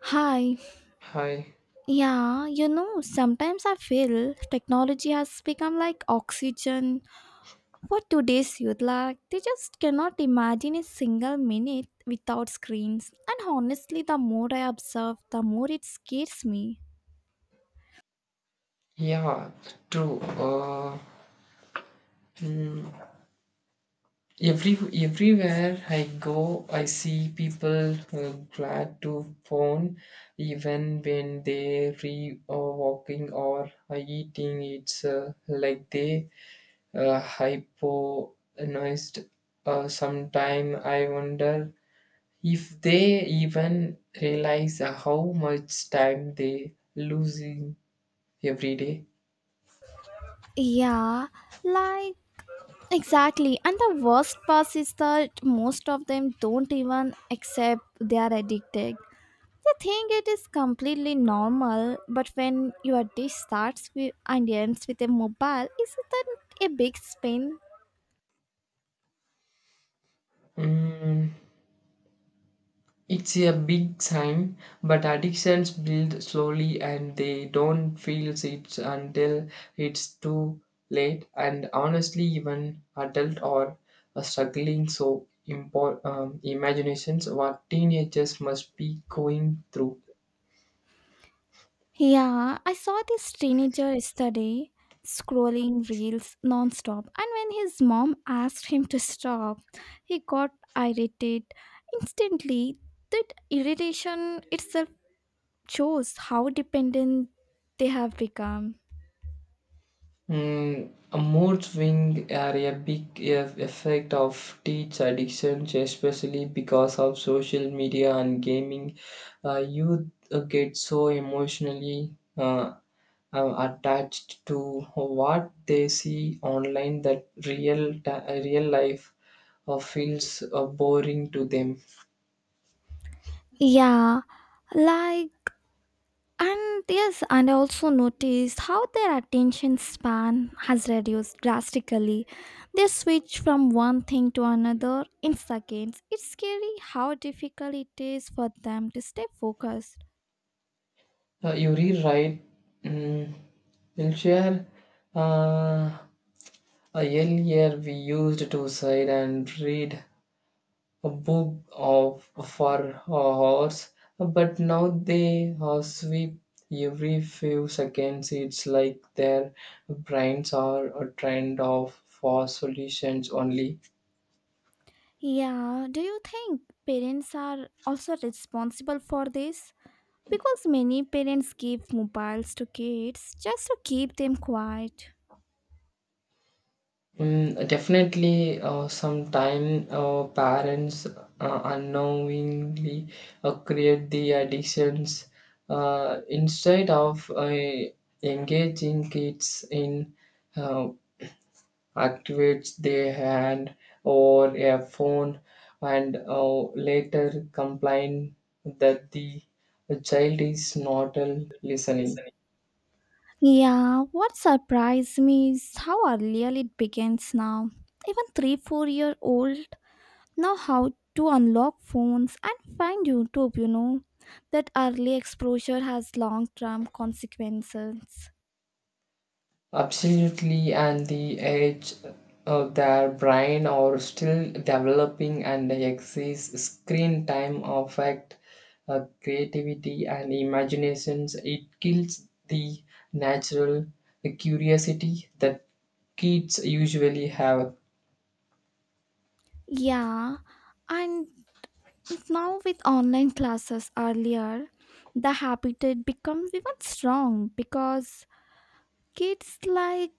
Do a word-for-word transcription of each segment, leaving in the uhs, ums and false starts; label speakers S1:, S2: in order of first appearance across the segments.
S1: Hi.
S2: Hi.
S1: Yeah, you know, sometimes I feel technology has become like oxygen for today's youth. Like, they just cannot imagine a single minute without screens. And honestly, the more I observe, the more it scares me.
S2: Yeah, true. Uh, mm, every everywhere I go, I see people uh, glad to phone, even when they re uh, walking or uh, eating. It's uh, like they uh, hypnotized. Uh, sometime I wonder if they even realize how much time they losing every day.
S1: Yeah, like, exactly. And the worst part is that most of them don't even accept they are addicted. They think it is completely normal, but when your dish starts with and ends with a mobile, isn't that a big spin?
S2: Mm, It's a big sign, but addictions build slowly and they don't feel it until it's too late. And honestly, even adult or uh, struggling. So, impor- um, imaginations what teenagers must be going through.
S1: Yeah, I saw this teenager yesterday scrolling reels nonstop, and when his mom asked him to stop, he got irritated instantly. That irritation itself shows how dependent they have become.
S2: Mm, a mood swing are a big eff- effect of teach addictions, especially because of social media and gaming. Uh, youth uh, get so emotionally uh, uh, attached to what they see online that real ta- real life uh, feels uh, boring to them.
S1: Yeah, like And yes, and I also noticed how their attention span has reduced drastically. They switch from one thing to another in seconds. It's scary how difficult it is for them to stay focused.
S2: Uh, Yuri Wright mm, will share uh, a earlier we used to sit and read a book of for hours, but now they uh, sweep every few seconds. It's like their brains are a trend of for solutions only.
S1: Yeah, do you think parents are also responsible for this? Because many parents give mobiles to kids just to keep them quiet.
S2: Mm, definitely, uh, sometime uh, parents uh, unknowingly uh, create the addictions uh, instead of uh, engaging kids in uh, activates their hand or a phone and uh, later complain that the child is not uh, listening.
S1: Yeah, what surprised me is how earlier it begins now. Even three, four year old know how to unlock phones and find YouTube, you know. That early exposure has long term consequences.
S2: Absolutely, and the age of their brain are still developing and the excess screen time affect uh, creativity and imaginations. It kills the natural curiosity that kids usually have.
S1: Yeah, and now with online classes earlier, the habit it becomes even strong because kids like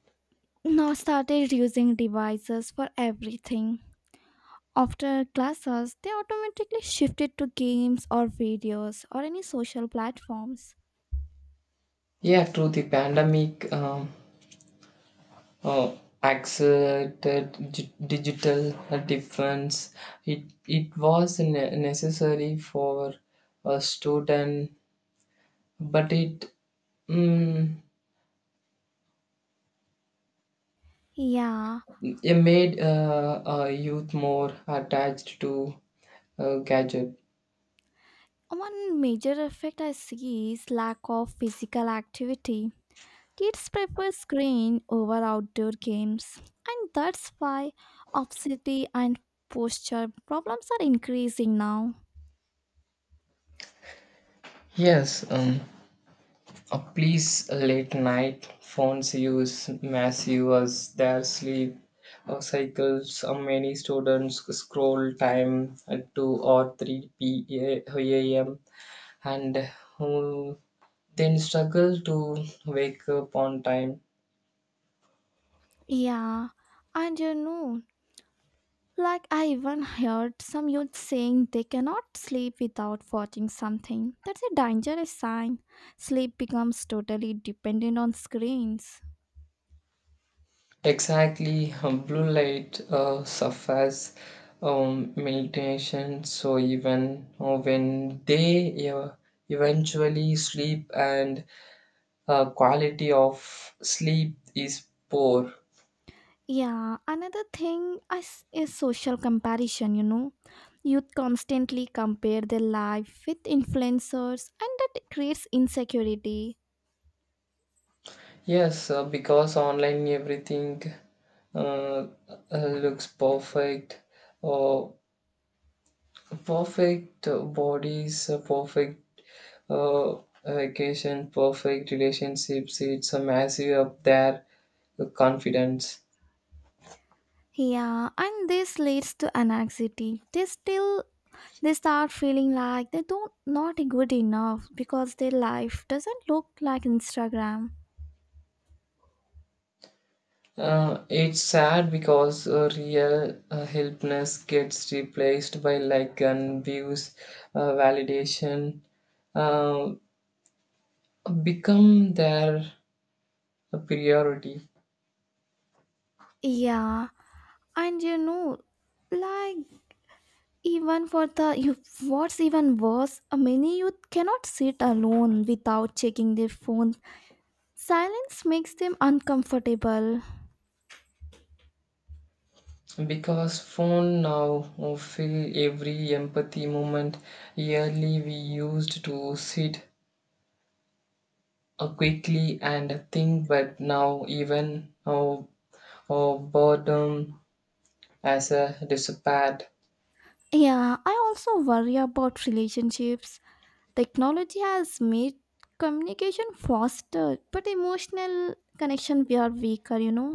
S1: now started using devices for everything. After classes, they automatically shifted to games or videos or any social platforms.
S2: Yeah, true. The pandemic um, uh, accelerated gi- digital difference. It it was ne- necessary for a student, but it mm,
S1: Yeah,
S2: it made uh, uh, youth more attached to a gadget.
S1: one major effect I see is lack of physical activity. Kids prefer screen over outdoor games, and that's why obesity and posture problems are increasing now.
S2: Yes, um, Uh, please, late night phones use massive their sleep uh, cycles. Uh, many students scroll time at two or three p m and um, then struggle to wake up on time.
S1: Yeah, and you know, Like, I even heard some youth saying they cannot sleep without watching something. That's a dangerous sign. Sleep becomes totally dependent on screens.
S2: Exactly, um, blue light uh, suffers um, meditation, so even uh, when they uh, eventually sleep and uh, quality of sleep is poor.
S1: Yeah, another thing is, is social comparison, you know. Youth constantly compare their life with influencers, and that creates insecurity.
S2: Yes, uh, because online everything uh, uh, looks perfect. Uh, Perfect bodies, uh, perfect uh, vacation, perfect relationships. It's a massive up there uh, confidence.
S1: Yeah, and this leads to anxiety. They still they start feeling like they don't not good enough because their life doesn't look like Instagram.
S2: Uh, it's sad because uh, real uh, helpness gets replaced by like and views, uh, validation, uh, become their priority
S1: Yeah and you know like even for the you What's even worse, uh, many youth cannot sit alone without checking their phone. Silence makes them uncomfortable.
S2: because phone now fill every empathy moment, early we used to sit uh, quickly and think, but now even our our boredom as a despair.
S1: yeah I also worry about relationships. Technology has made communication faster, but emotional connection we are weaker you know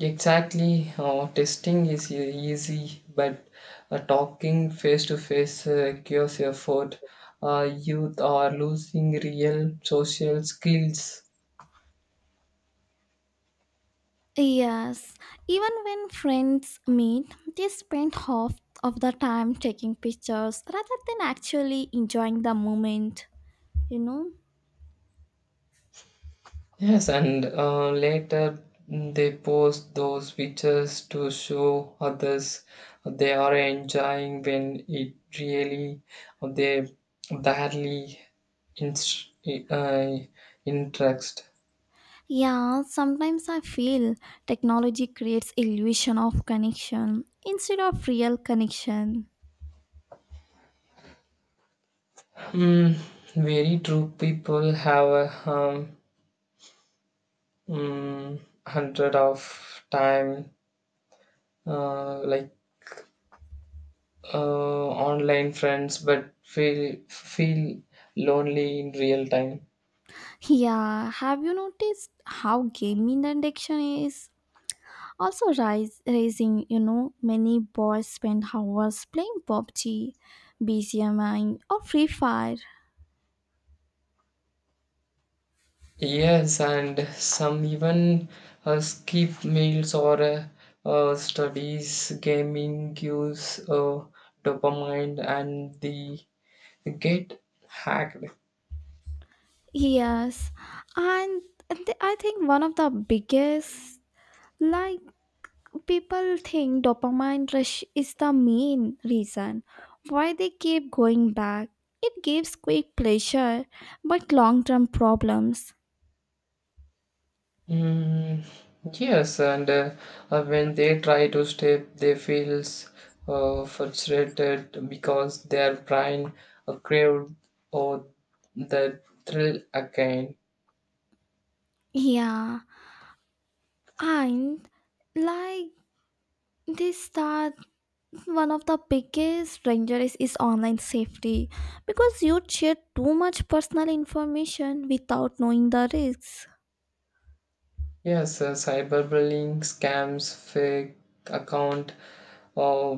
S2: Exactly, uh, testing is e- easy but uh, talking face to face requires effort. Uh, youth are losing real social skills.
S1: Yes, even when friends meet, they spend half of the time taking pictures rather than actually enjoying the moment, you know?
S2: Yes, and uh, later mm, they post those pictures to show others they are enjoying when it really they barely inst- uh, interest.
S1: Yeah, sometimes I feel technology creates illusion of connection instead of real connection.
S2: Mm, Very true. People have a um, mm, hundred of time uh, like uh, online friends, but feel feel lonely in real time.
S1: Yeah, have you noticed how gaming addiction is also rise raising, you know, Many boys spend hours playing PUBG, B G M I or Free Fire.
S2: Yes, and some even uh, skip meals or uh, uh, studies. Gaming gives uh, dopamine and the get hacked.
S1: Yes, and th- I think one of the biggest, like people think dopamine rush is the main reason why they keep going back. It gives quick pleasure, but long term problems.
S2: Mm, yes, and uh, uh, when they try to step, they feels uh, frustrated because their brain uh, craved or the thrill again.
S1: Yeah, and like this that One of the biggest danger is, is online safety, because you share too much personal information without knowing the risks.
S2: Yes, uh, cyberbullying, scams, fake account, uh,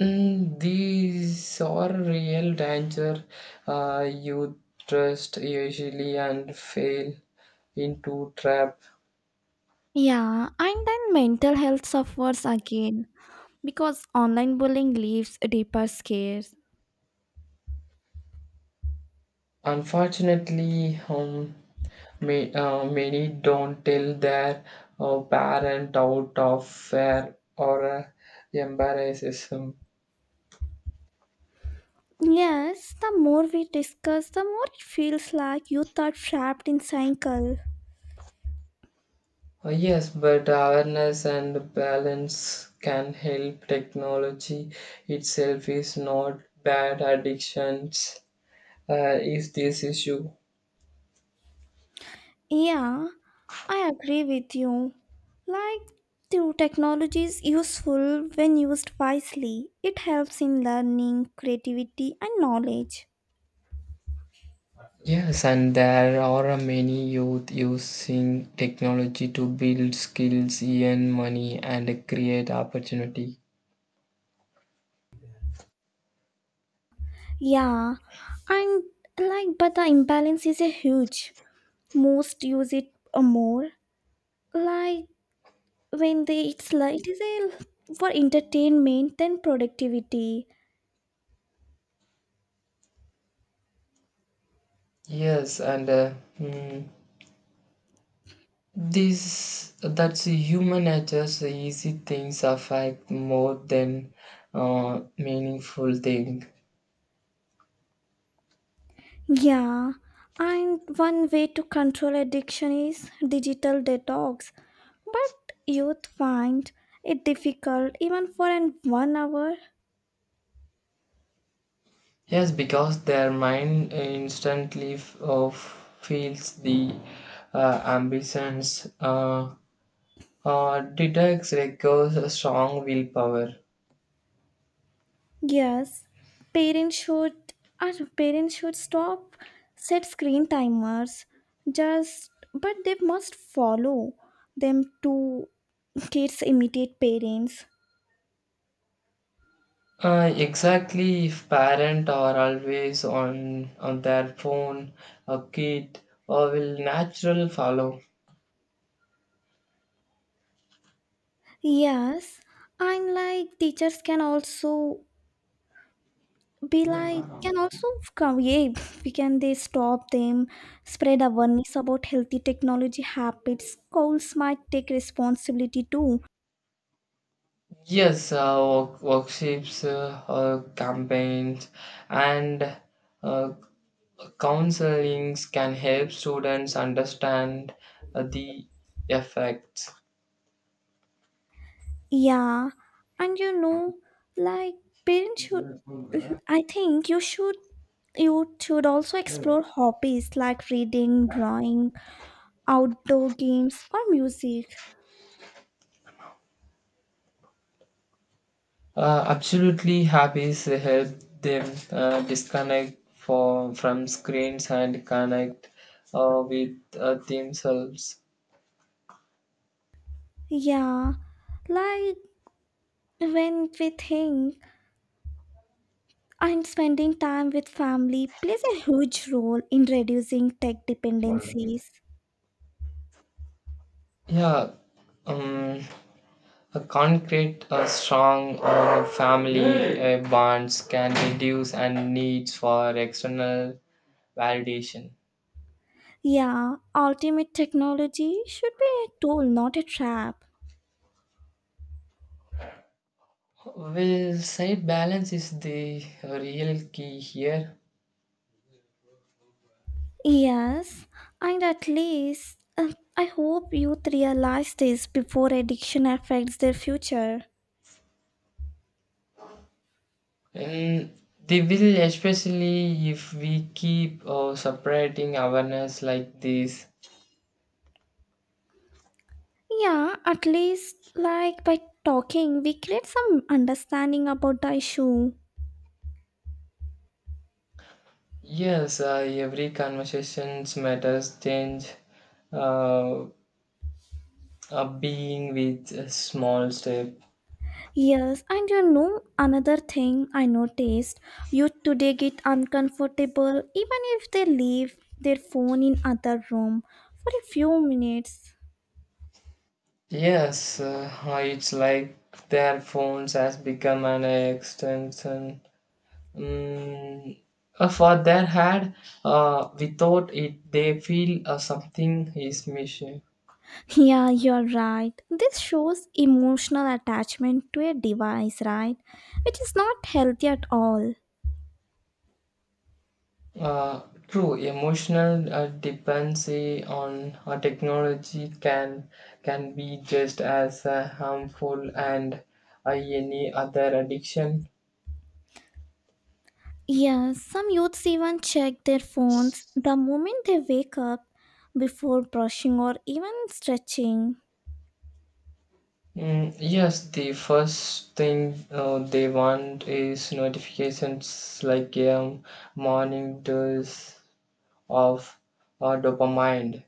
S2: mm, these are real danger. Uh, you trust usually and fail into trap.
S1: Yeah, and then mental health suffers again because online bullying leaves deeper scares.
S2: Unfortunately, um, may, uh, many don't tell their uh, parent out of fear or uh, embarrassment.
S1: Yes, the more we discuss, the more it feels like youth are trapped in cycle.
S2: Uh, yes, but awareness and balance can help. Technology itself is not bad. Addictions uh, is this issue.
S1: Yeah, I agree with you. Like, the technology is useful when used wisely. It helps in learning, creativity, and knowledge.
S2: Yes, and there are many youth using technology to build skills, earn money, and create opportunity.
S1: Yeah, and like, but the imbalance is a huge. Most use it uh, more, like when they it's like it is a for entertainment then productivity.
S2: Yes, and uh, hmm, this that's human nature. So easy things affect more than uh, meaningful thing.
S1: Yeah, and one way to control addiction is digital detox, but youth find it difficult even for an one hour.
S2: Yes, because their mind instantly f- uh, feels the uh, ambitions uh, or detects requires a strong willpower.
S1: Yes, parents should our parents should stop set screen timers, just but they must follow them to kids imitate parents.
S2: Uh, exactly, if parents are always on on their phone, a kid uh, will natural follow.
S1: Yes, and like teachers can also be like can also come yeah we can they stop them, spread awareness about healthy technology habits. Schools might take responsibility too.
S2: Yes, uh, work, workshops, uh, uh, campaigns, and uh, Counselings can help students understand uh, the effects.
S1: Yeah and you know like parents should I think you should You should also explore hobbies like reading, drawing, outdoor games or music.
S2: Uh, absolutely, hobbies help them uh, disconnect for, from screens and connect uh, with uh, themselves.
S1: Yeah like when we think And spending time with family plays a huge role in reducing tech dependencies.
S2: Yeah, um, a concrete, a strong uh, family uh, bonds can reduce and needs for external validation.
S1: Yeah, ultimate technology should be a tool, not a trap.
S2: Well, side balance is the real key here.
S1: Yes, and at least uh, I hope youth realize this before addiction affects their future.
S2: And they will, especially if we keep uh, separating awareness like this.
S1: Yeah, at least like by talking, we create some understanding about the issue.
S2: Yes, uh, every conversations matters change uh, a being with a small step.
S1: Yes, and you know another thing I noticed, youth today get uncomfortable even if they leave their phone in other room for a few minutes.
S2: Yes, uh, it's like their phones has become an extension. Mm, uh, for their head, uh, without it, they feel uh, something is missing.
S1: Yeah, you're right. This shows emotional attachment to a device, right? Which is not healthy at all.
S2: Uh, true, emotional uh, dependency on uh, technology can can be just as uh, harmful and uh, any other addiction.
S1: Yes, some youths even check their phones the moment they wake up before brushing or even stretching.
S2: Mm, yes, the first thing uh, they want is notifications like um, morning dose of uh, dopamine.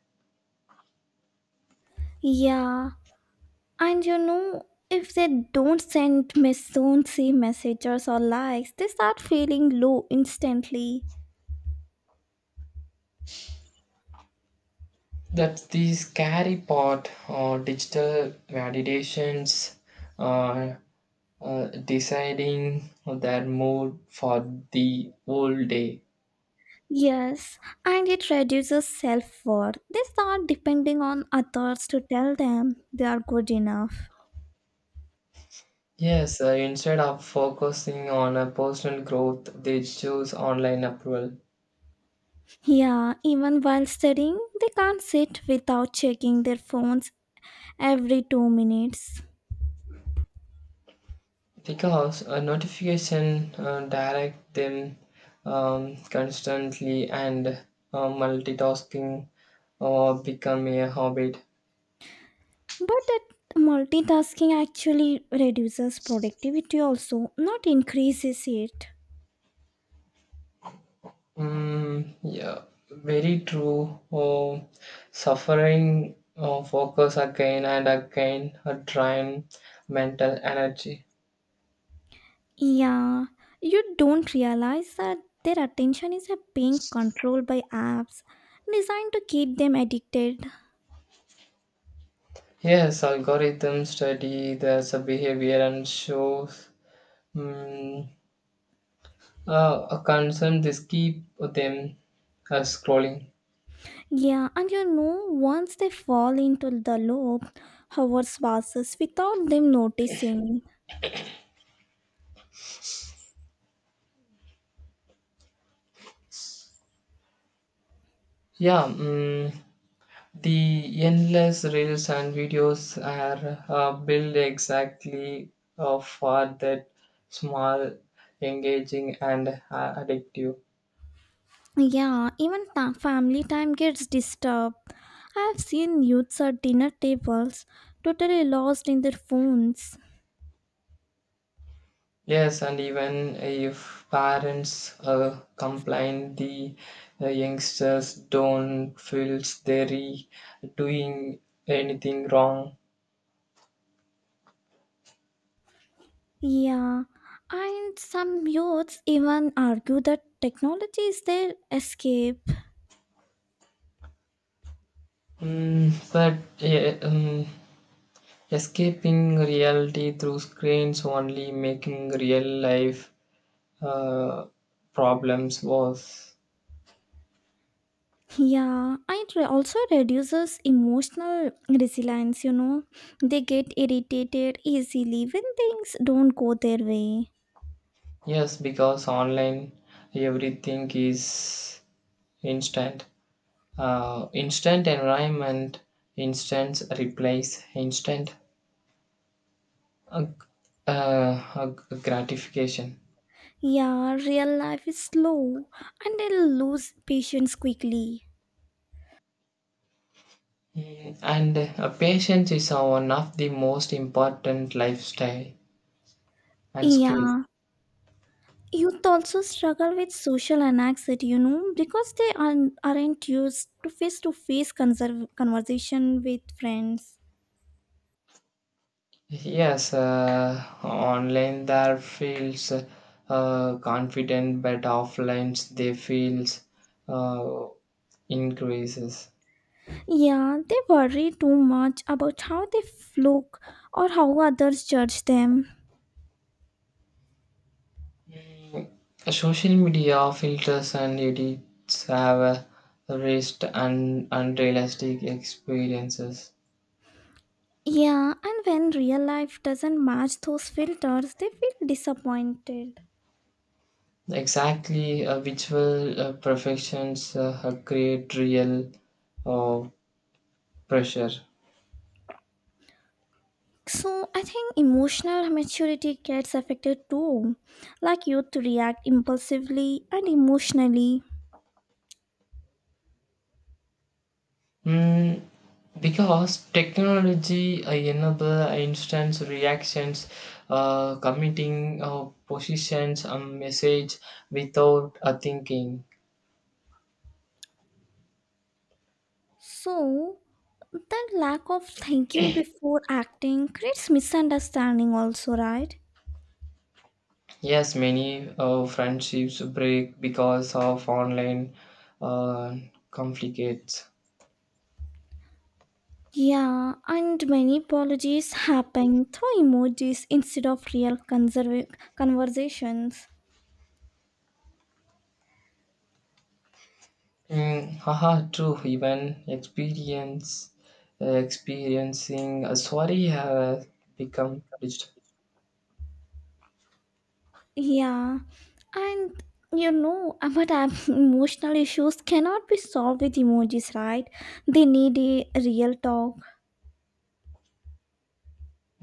S1: Yeah, And you know, if they don't send me soon, see messages or likes, they start feeling low instantly.
S2: That's the scary part. Uh, digital validations uh, uh, deciding their mood for the whole day.
S1: Yes, and it reduces self worth. They start depending on others to tell them they are good enough.
S2: Yes, uh, instead of focusing on a personal growth, they choose online approval
S1: Yeah, even while studying, they can't sit without checking their phones every two minutes.
S2: because a notification uh, direct them um, constantly and uh, multitasking or become a habit.
S1: But that multitasking actually reduces productivity also, not increases it.
S2: Mm, yeah, very true. Oh, suffering uh, focus again and again uh, drain mental energy.
S1: Yeah, you don't realize that their attention is a being controlled by apps designed to keep them addicted.
S2: Yes, algorithms study there's a behavior and shows mm, uh, a concern. This keep them uh, scrolling.
S1: Yeah, and you know, once they fall into the loop, hours passes without them noticing.
S2: Yeah. Mm, The endless reels and videos are uh, built exactly uh, for that small, engaging, and uh, addictive.
S1: Yeah, even ta- family time gets disturbed. I have seen youths at dinner tables totally lost in their phones.
S2: Yes, and even if parents uh, complain, the uh, youngsters don't feel they're doing anything wrong.
S1: Yeah, and some youths even argue that technology is their escape.
S2: Mm, but yeah, um, escaping reality through screens only making real life uh, problems was
S1: Yeah, it re- also reduces emotional resilience, you know. They get irritated easily when things don't go their way.
S2: yes because online everything is instant uh, instant environment, instant replies, instant uh, uh, gratification.
S1: Yeah, real life is slow and they lose patience quickly.
S2: Mm, and uh, patience is one of the most important lifestyle and skill.
S1: Yeah, youth also struggle with social anxiety, you know, because they aren't, aren't used to face to face conversation with friends.
S2: Yes, uh, online there feels uh, confident, but offline they feels uh, increases.
S1: Yeah, they worry too much about how they look or how others judge them.
S2: Social media filters and edits have uh, raised un- unrealistic experiences.
S1: Yeah, and when real life doesn't match those filters, they feel disappointed.
S2: Exactly, uh, visual uh, perfections uh, create real uh, pressure.
S1: So I think emotional maturity gets affected too, like youth react impulsively and emotionally.
S2: Mm, because technology uh, enable instant reactions uh, committing uh, positions a message without a thinking.
S1: So that lack of thinking before acting creates misunderstanding also, right?
S2: Yes, many uh, friendships break because of online uh, conflicts.
S1: Yeah, and many apologies happen through emojis instead of real conserva- conversations.
S2: Mm, haha, true, even experience uh, experiencing a sorry have become digital.
S1: Yeah, And you know, but um, emotional issues cannot be solved with emojis, right? They need a real talk.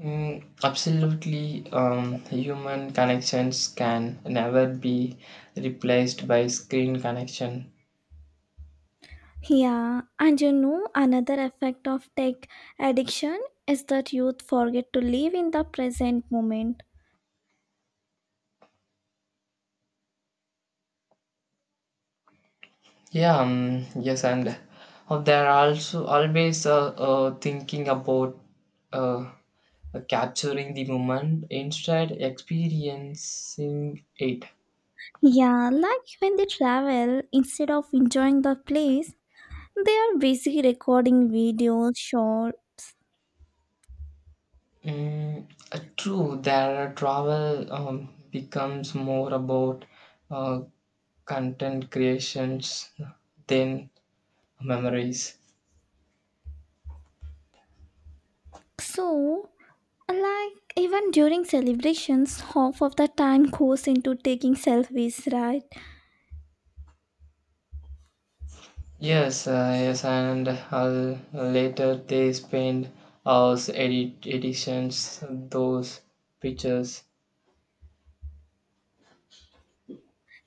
S2: Mm, absolutely, um, human connections can never be replaced by screen connection.
S1: Yeah, and you know, another effect of tech addiction is that youth forget to live in the present moment.
S2: Yeah, um, yes, and uh, there are also always uh, uh, thinking about uh, uh, capturing the moment instead experiencing it.
S1: Yeah, like when they travel, instead of enjoying the place, they are busy recording videos, shorts.
S2: Mm, uh, true, their travel um, becomes more about uh, content creations than memories.
S1: So, like even during celebrations, half of the time goes into taking selfies, right?
S2: Yes, uh, yes, and uh, later they spend hours edit editions those pictures.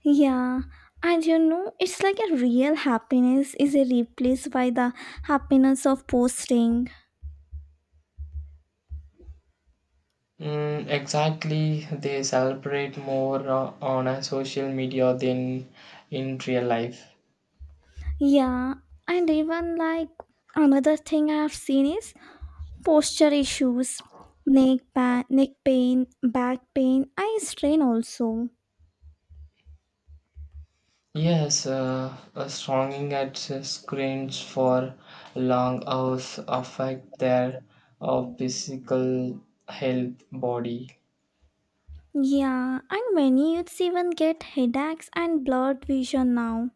S1: Yeah, and you know, it's like a real happiness is replaced by the happiness of posting.
S2: Mm, exactly, they celebrate more uh, on a social media than in real life.
S1: Yeah, and even like another thing I have seen is posture issues, neck pa- neck pain, back pain, eye strain also.
S2: Yes, uh, uh, stronging at screens for long hours affect their uh, physical health body.
S1: Yeah, and many youths even get headaches and blurred vision now.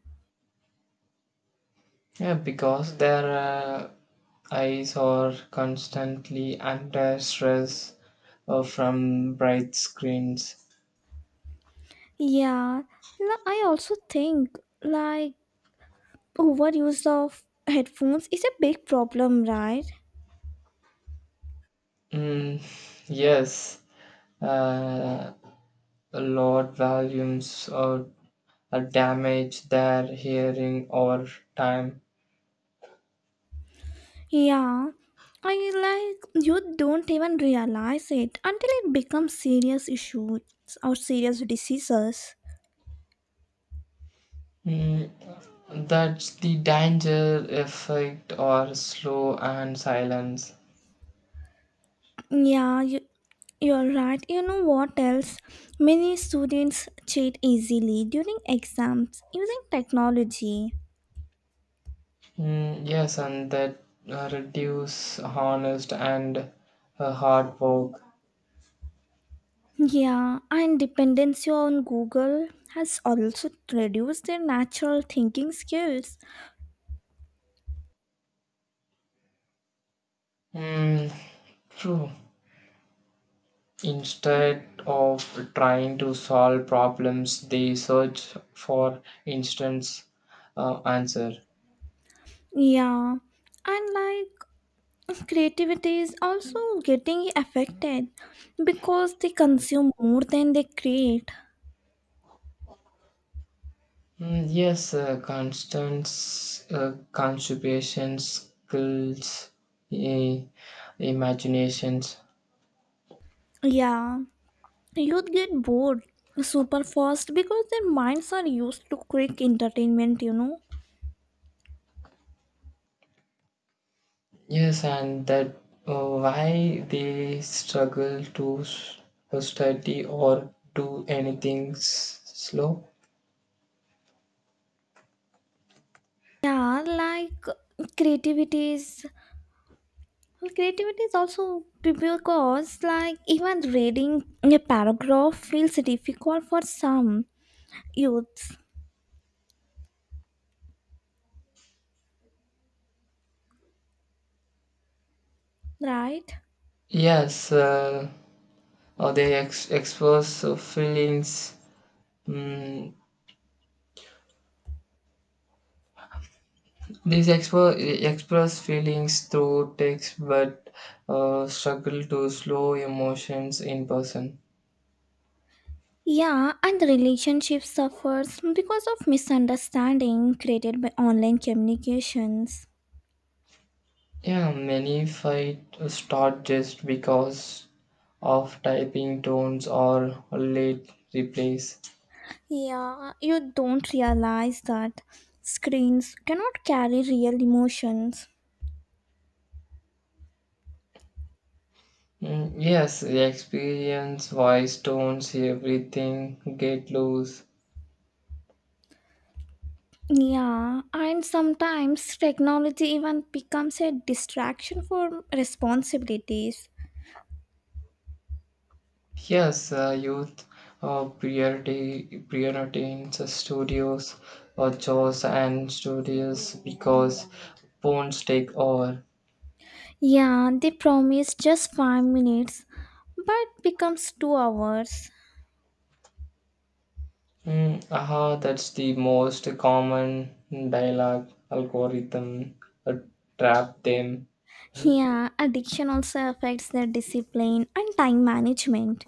S2: Yeah, because their uh, eyes are constantly under stress uh, from bright screens.
S1: Yeah, l- I also think like overuse of headphones is a big problem, right?
S2: Mm, yes, uh, a lot volumes or uh, damage their hearing or time.
S1: Yeah, I like You don't even realize it until it becomes serious issues or serious diseases.
S2: Mm, that's the danger effect or slow and silence.
S1: Yeah, you, you're right. You know what else? Many students cheat easily during exams using technology.
S2: Mm, yes, and that uh, reduce honest and uh, hard work.
S1: Yeah, and dependency on Google has also reduced their natural thinking skills.
S2: Mm, True. Instead of trying to solve problems, they search for instance uh, answer.
S1: Yeah, and like Creativity is also getting affected because they consume more than they create.
S2: Mm, yes, uh, constant uh, constipation skills, i- imaginations.
S1: Yeah, youth get bored super fast because their minds are used to quick entertainment, you know.
S2: Yes, and that uh, why they struggle to s- study or do anything s- slow.
S1: Yeah, like creativity is Creativity is also be- because like even reading a paragraph feels difficult for some youths, right?
S2: Yes, uh, or they ex- express uh, feelings. Mm, these expo- express feelings through text but uh, struggle to slow emotions in person.
S1: Yeah, and the relationship suffers because of misunderstanding created by online communications.
S2: Yeah, many fight uh, start just because of typing tones or late replies.
S1: Yeah, you don't realize that screens cannot carry real emotions.
S2: Mm, yes, the experience, voice tones, everything get loose.
S1: Yeah, and sometimes technology even becomes a distraction for responsibilities.
S2: Yes, uh, youth uh, priority prioritize studios or chores and studios because phones take over.
S1: Yeah, they promise just five minutes but becomes two hours.
S2: Mm, aha, that's the most common dialogue algorithm uh, trap them.
S1: Yeah, addiction also affects their discipline and time management.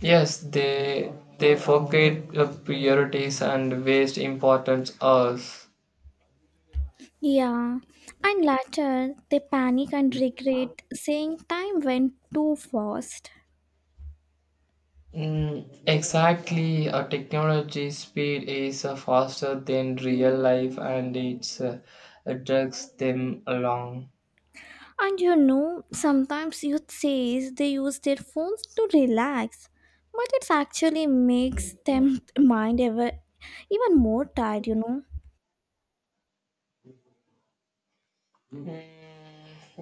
S2: Yes, they they forget uh, priorities and waste important hours.
S1: Yeah, and later they panic and regret saying time went too fast.
S2: Mm, exactly, a technology speed is uh, faster than real life and it's uh, it drags them along.
S1: And you know, sometimes youth says they use their phones to relax, but it actually makes them mind ever even more tired, you know.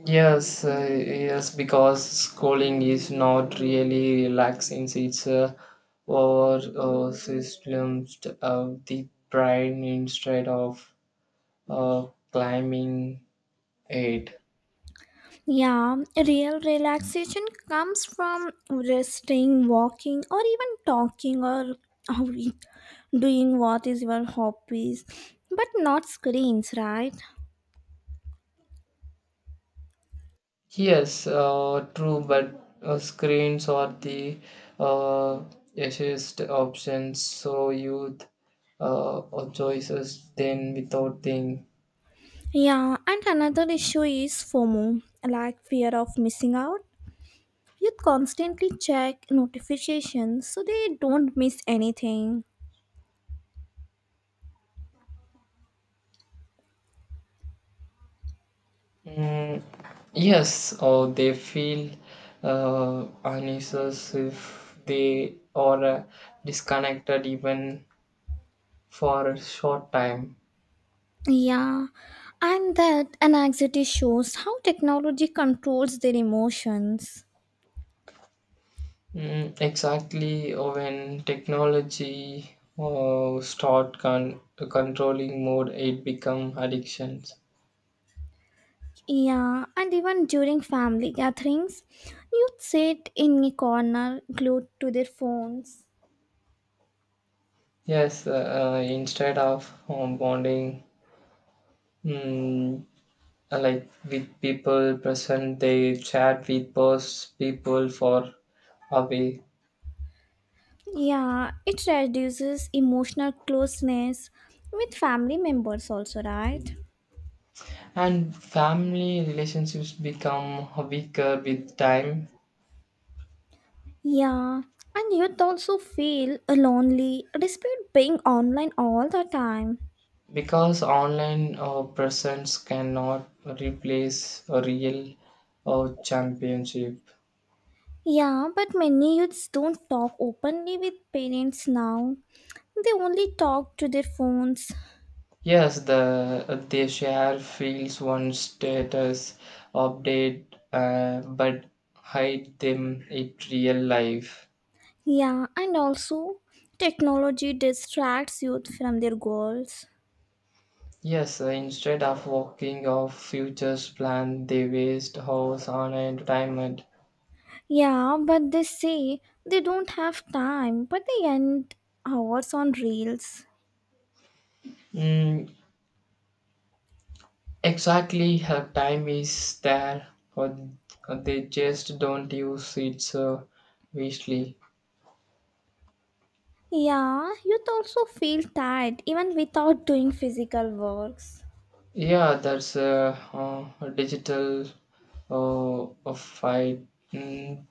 S2: Yes, uh, yes, because schooling is not really relaxing. It's uh, or uh, systems of the brain instead of uh, climbing it.
S1: Yeah, real relaxation comes from resting, walking, or even talking or doing what is your hobbies, but not screens, right?
S2: Yes, uh, true, but uh, screens are the uh, easiest options, so youth uh, or choices then without think.
S1: Yeah, and another issue is FOMO, like fear of missing out. Youth constantly check notifications so they don't miss anything.
S2: Mm, yes, or they feel uh, uneasy if they are uh, disconnected even for a short time.
S1: Yeah, and that anxiety shows how technology controls their emotions.
S2: Mm, exactly, uh, when technology uh, start con- controlling mode it become addictions.
S1: Yeah, and even during family gatherings, youth sit in a corner glued to their phones.
S2: Yes, uh, uh, instead of um, bonding mm, uh, like with people present they chat with past people for away,
S1: Yeah, it reduces emotional closeness with family members, also, right?
S2: and family relationships become weaker with time
S1: Yeah, and you'd also feel lonely despite being online all the time.
S2: because online uh, presence cannot replace a real uh, championship.
S1: Yeah, but many youths don't talk openly with parents now. They only talk to their phones.
S2: Yes, the uh, they share fields one status update, uh, but hide them in real life.
S1: Yeah, and also technology distracts youth from their goals.
S2: Yes, uh, instead of working of futures plan, they waste hours on entertainment.
S1: Yeah, but they say they don't have time, but they end hours on reels.
S2: Mm, Exactly, her time is there, but they just don't use it uh, wisely.
S1: Yeah, youth also feel tired even without doing physical works.
S2: Yeah, that's a, uh, a digital uh, a fight. Mm,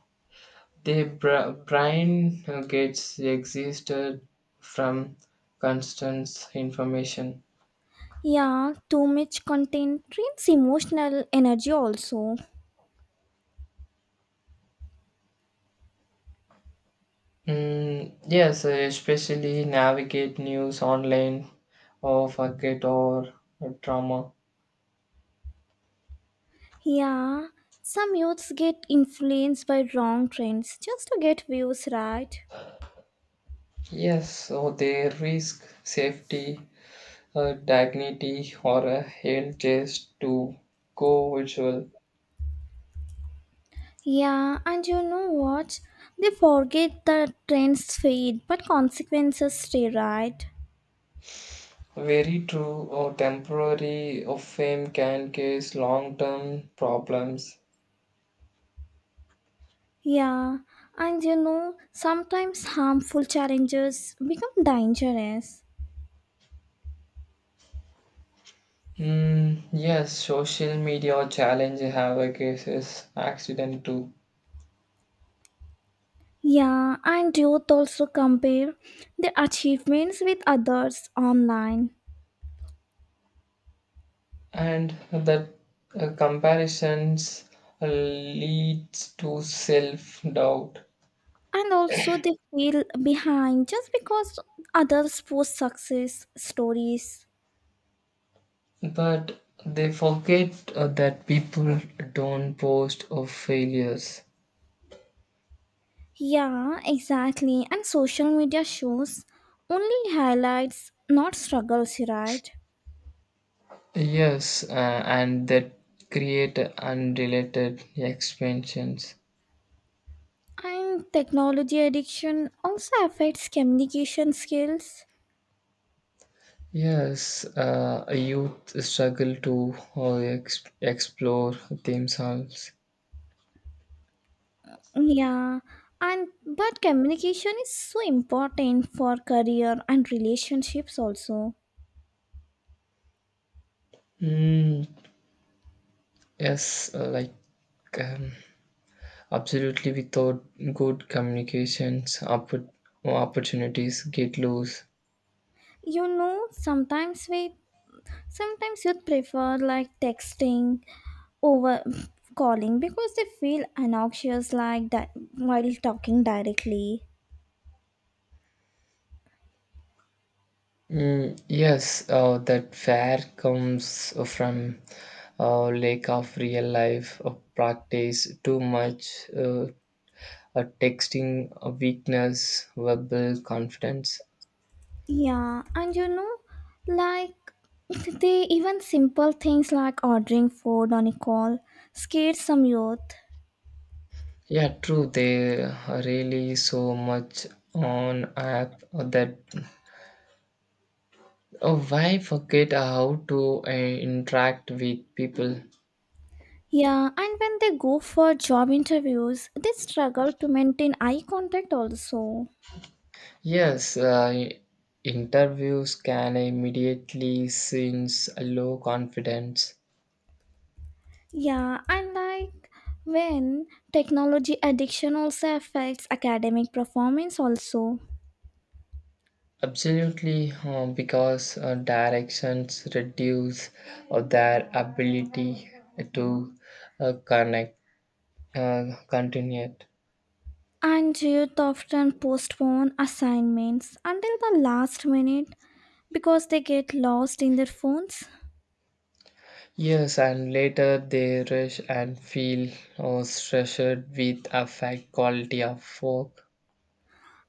S2: the bra- brain uh, gets existed from constant information.
S1: Yeah, too much content drains emotional energy also.
S2: Mm, yes, uh, especially navigate news online or forget or drama.
S1: Yeah, some youths get influenced by wrong trends just to get views, right?
S2: Yes, so they risk safety, uh, dignity, or a health just to go virtual.
S1: Yeah, and you know what? They forget that trends fade, but consequences stay, right?
S2: Very true, or temporary or fame can cause long term problems.
S1: Yeah, and you know, sometimes harmful challenges become dangerous.
S2: Hmm. Yes, social media challenge have a cases accident too,
S1: Yeah, and youth also compare their achievements with others online.
S2: and that uh, comparisons leads to self doubt.
S1: And also they feel behind just because others post success stories.
S2: But they forget uh, that people don't boast of failures.
S1: Yeah, exactly, and social media shows only highlights, not struggles, right?
S2: Yes, uh, and that create unrelated expansions.
S1: And technology addiction also affects communication skills.
S2: Yes, uh, youth struggle to uh, ex- explore themselves.
S1: Yeah and but communication is so important for career and relationships also.
S2: Mm, yes, uh, like um, absolutely without good communications, oppor- opportunities get lost.
S1: You know, sometimes we sometimes you'd prefer like texting over calling because they feel obnoxious like that while talking directly.
S2: Mm, yes, uh, that fear comes from uh, lack of real life uh, practice, too much uh, uh, texting, uh, weakness, verbal confidence.
S1: Yeah, and you know, like, they even simple things like ordering food on a call scares some youth.
S2: Yeah, true. They are really so much on app that oh, why forget how to uh, interact with people?
S1: Yeah, and when they go for job interviews they struggle to maintain eye contact also.
S2: Yes, uh, interviews can immediately sense low confidence.
S1: Yeah, and like, when technology addiction also affects academic performance also.
S2: Absolutely, uh, because uh, directions reduce uh, their ability to uh, connect, uh, continue.
S1: And youth often postpone assignments until the last minute because they get lost in their phones.
S2: Yes, and later they rush and feel uh, stressed with affect quality of work.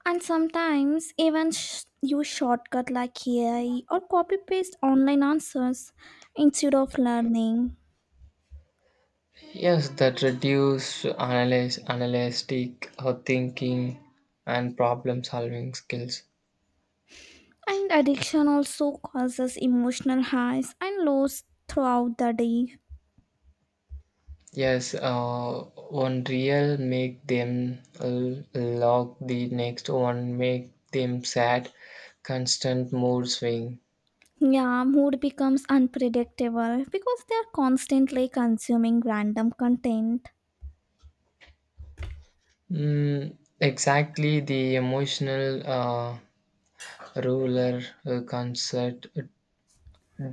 S1: And sometimes even sh- use shortcut like A I or copy paste online answers instead of learning.
S2: Yes, that reduce analyze, analytic uh, thinking and problem solving skills.
S1: And addiction also causes emotional highs and lows throughout the day.
S2: Yes, uh, one real make them l- lock, the next one make them sad, constant mood swing.
S1: Yeah, mood becomes unpredictable because they are constantly consuming random content.
S2: Mm, exactly, the emotional uh, ruler uh, concept, uh,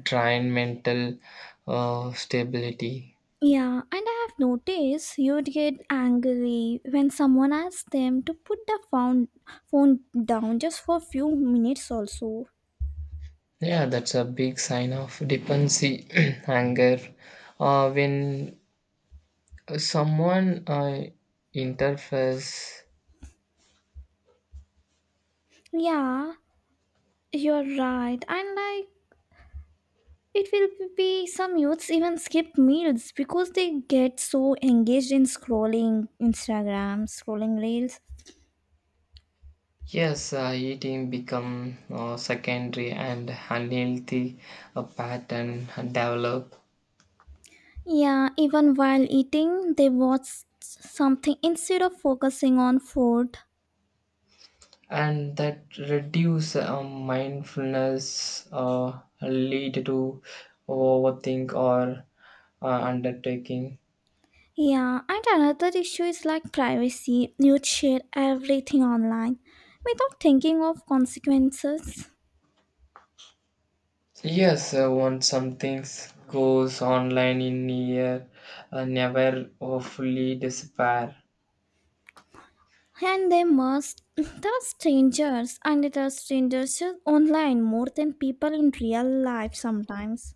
S2: drain mental uh, stability.
S1: Yeah, and I have noticed you'd get angry when someone asks them to put the phone, phone down just for a few minutes also.
S2: Yeah, that's a big sign of dependency, anger. Uh, when someone uh, interferes.
S1: Yeah, you're right. And like, it will be some youths even skip meals because they get so engaged in scrolling Instagram, scrolling reels.
S2: Yes, uh, eating become uh, secondary and unhealthy uh, pattern develop,
S1: Yeah, even while eating, they watch something instead of focusing on food.
S2: and that reduce uh, mindfulness uh, lead to overthink or uh, undertaking.
S1: Yeah, and another issue is like privacy. You'd share everything online without thinking of consequences.
S2: Yes, uh, once something goes online in a year, uh, never uh, fully despair.
S1: And they must. There are strangers, and there are strangers just online more than people in real life sometimes.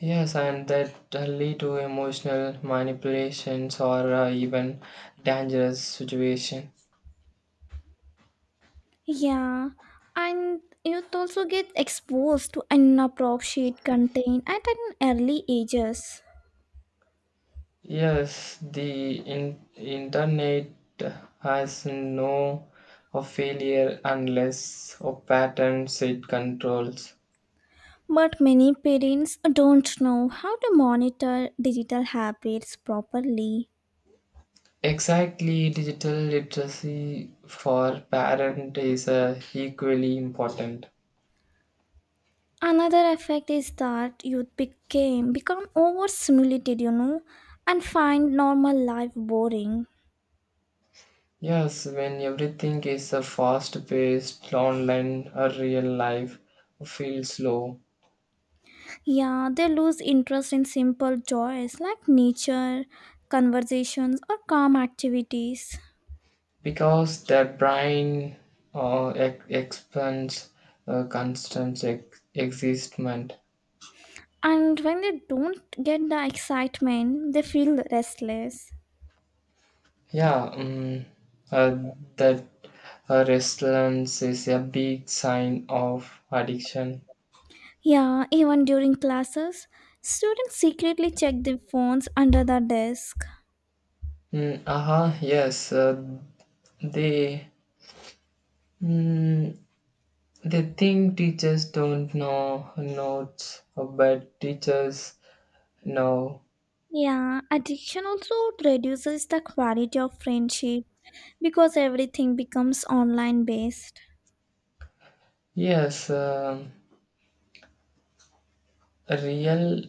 S2: Yes, and that uh, lead to emotional manipulations or uh, even dangerous situation.
S1: Yeah, and youth also get exposed to inappropriate content at an early ages.
S2: Yes, the in- internet has no of failure unless of patterns it controls.
S1: But many parents don't know how to monitor digital habits properly.
S2: Exactly, digital literacy for parent is uh, equally important.
S1: Another effect is that youth became become overstimulated, you know, and find normal life boring.
S2: Yes, when everything is a fast-paced online, a real life feels slow
S1: Yeah, they lose interest in simple joys like nature, conversations, or calm activities.
S2: because their brain uh, ex- expands uh, constant ex- existment.
S1: And when they don't get the excitement, they feel restless.
S2: Yeah, um, uh, that uh, restlessness is a big sign of addiction.
S1: Yeah, even during classes, students secretly check their phones under the desk.
S2: Mm, aha, yes, uh, they mm, they think teachers don't know notes, uh, but teachers know.
S1: Yeah, addiction also reduces the quality of friendship because everything becomes online based.
S2: Yes, um real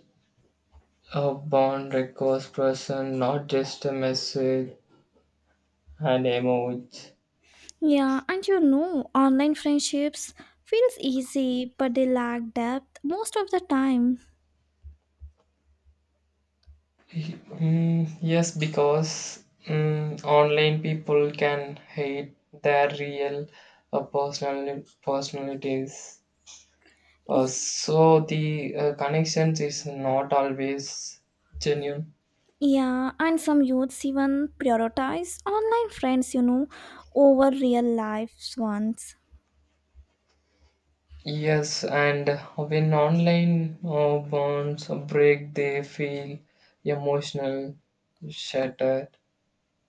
S2: A bond requires person, not just a message and emoji.
S1: Yeah, and you know, online friendships feels easy, but they lack depth most of the time.
S2: Mm, yes, because mm, online people can hide their real uh, personal personalities. Uh,
S1: Y-
S2: so the uh, connections is not always genuine.
S1: Yeah, and some youths even prioritize online friends, you know, over real life ones.
S2: Yes, and when online uh, bonds break, they feel emotional, shattered.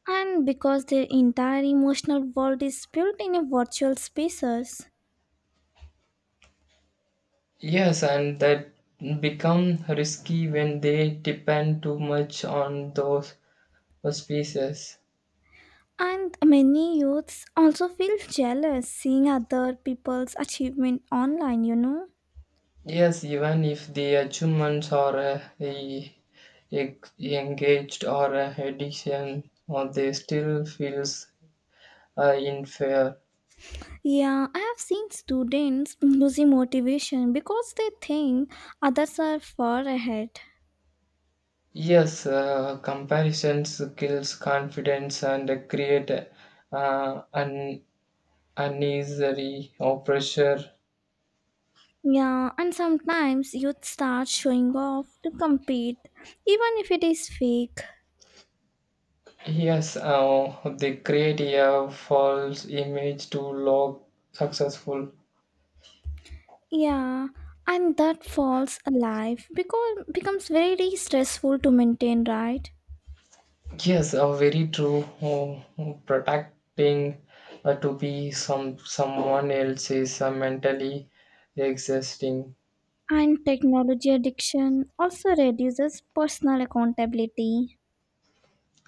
S1: And because their entire emotional world is built in a virtual spaces.
S2: Yes, and that become risky when they depend too much on those species.
S1: And many youths also feel jealous seeing other people's achievement online, you know.
S2: Yes, even if the achievements are uh, e- e- engaged or uh, addiction, or they still feels uh, unfair.
S1: Yeah, I have seen students losing motivation because they think others are far ahead.
S2: Yes, uh, comparisons kills confidence and create uh, an unnecessary pressure.
S1: Yeah, and sometimes youth start showing off to compete, even if it is fake.
S2: Yes, uh, they create a false image to look successful.
S1: Yeah, and that false life because becomes very stressful to maintain, right?
S2: Yes, uh, very true. Oh, protecting uh, to be some someone else is uh, mentally existing.
S1: And technology addiction also reduces personal accountability.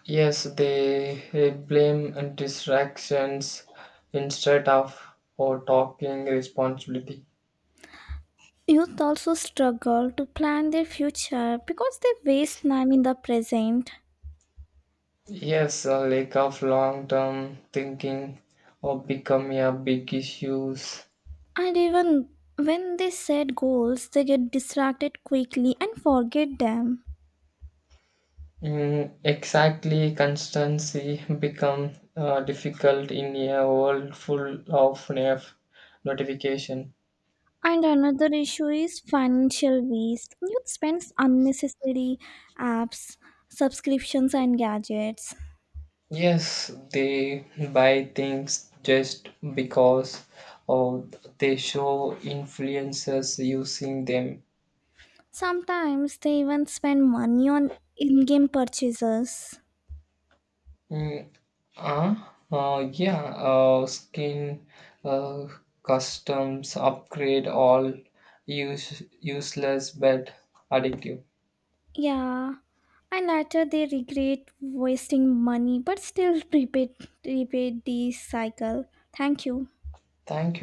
S2: Yes, they uh, blame and distractions instead of or talking responsibility.
S1: Youth also struggle to plan their future because they waste time in the present.
S2: Yes, a lack of long term thinking or become a big issues.
S1: And even when they set goals, they get distracted quickly and forget them.
S2: Mm, exactly, constancy become uh, difficult in a world full of nerf notification.
S1: And another issue is financial waste. Youth spends unnecessary apps, subscriptions, and gadgets.
S2: Yes, they buy things just because or they show influencers using them.
S1: Sometimes they even spend money on in game purchases.
S2: Mm, uh, uh, yeah, uh, skin uh, customs upgrade all use, useless but addictive.
S1: Yeah, and later they regret wasting money but still repeat repeat the cycle. Thank you.
S2: Thank you.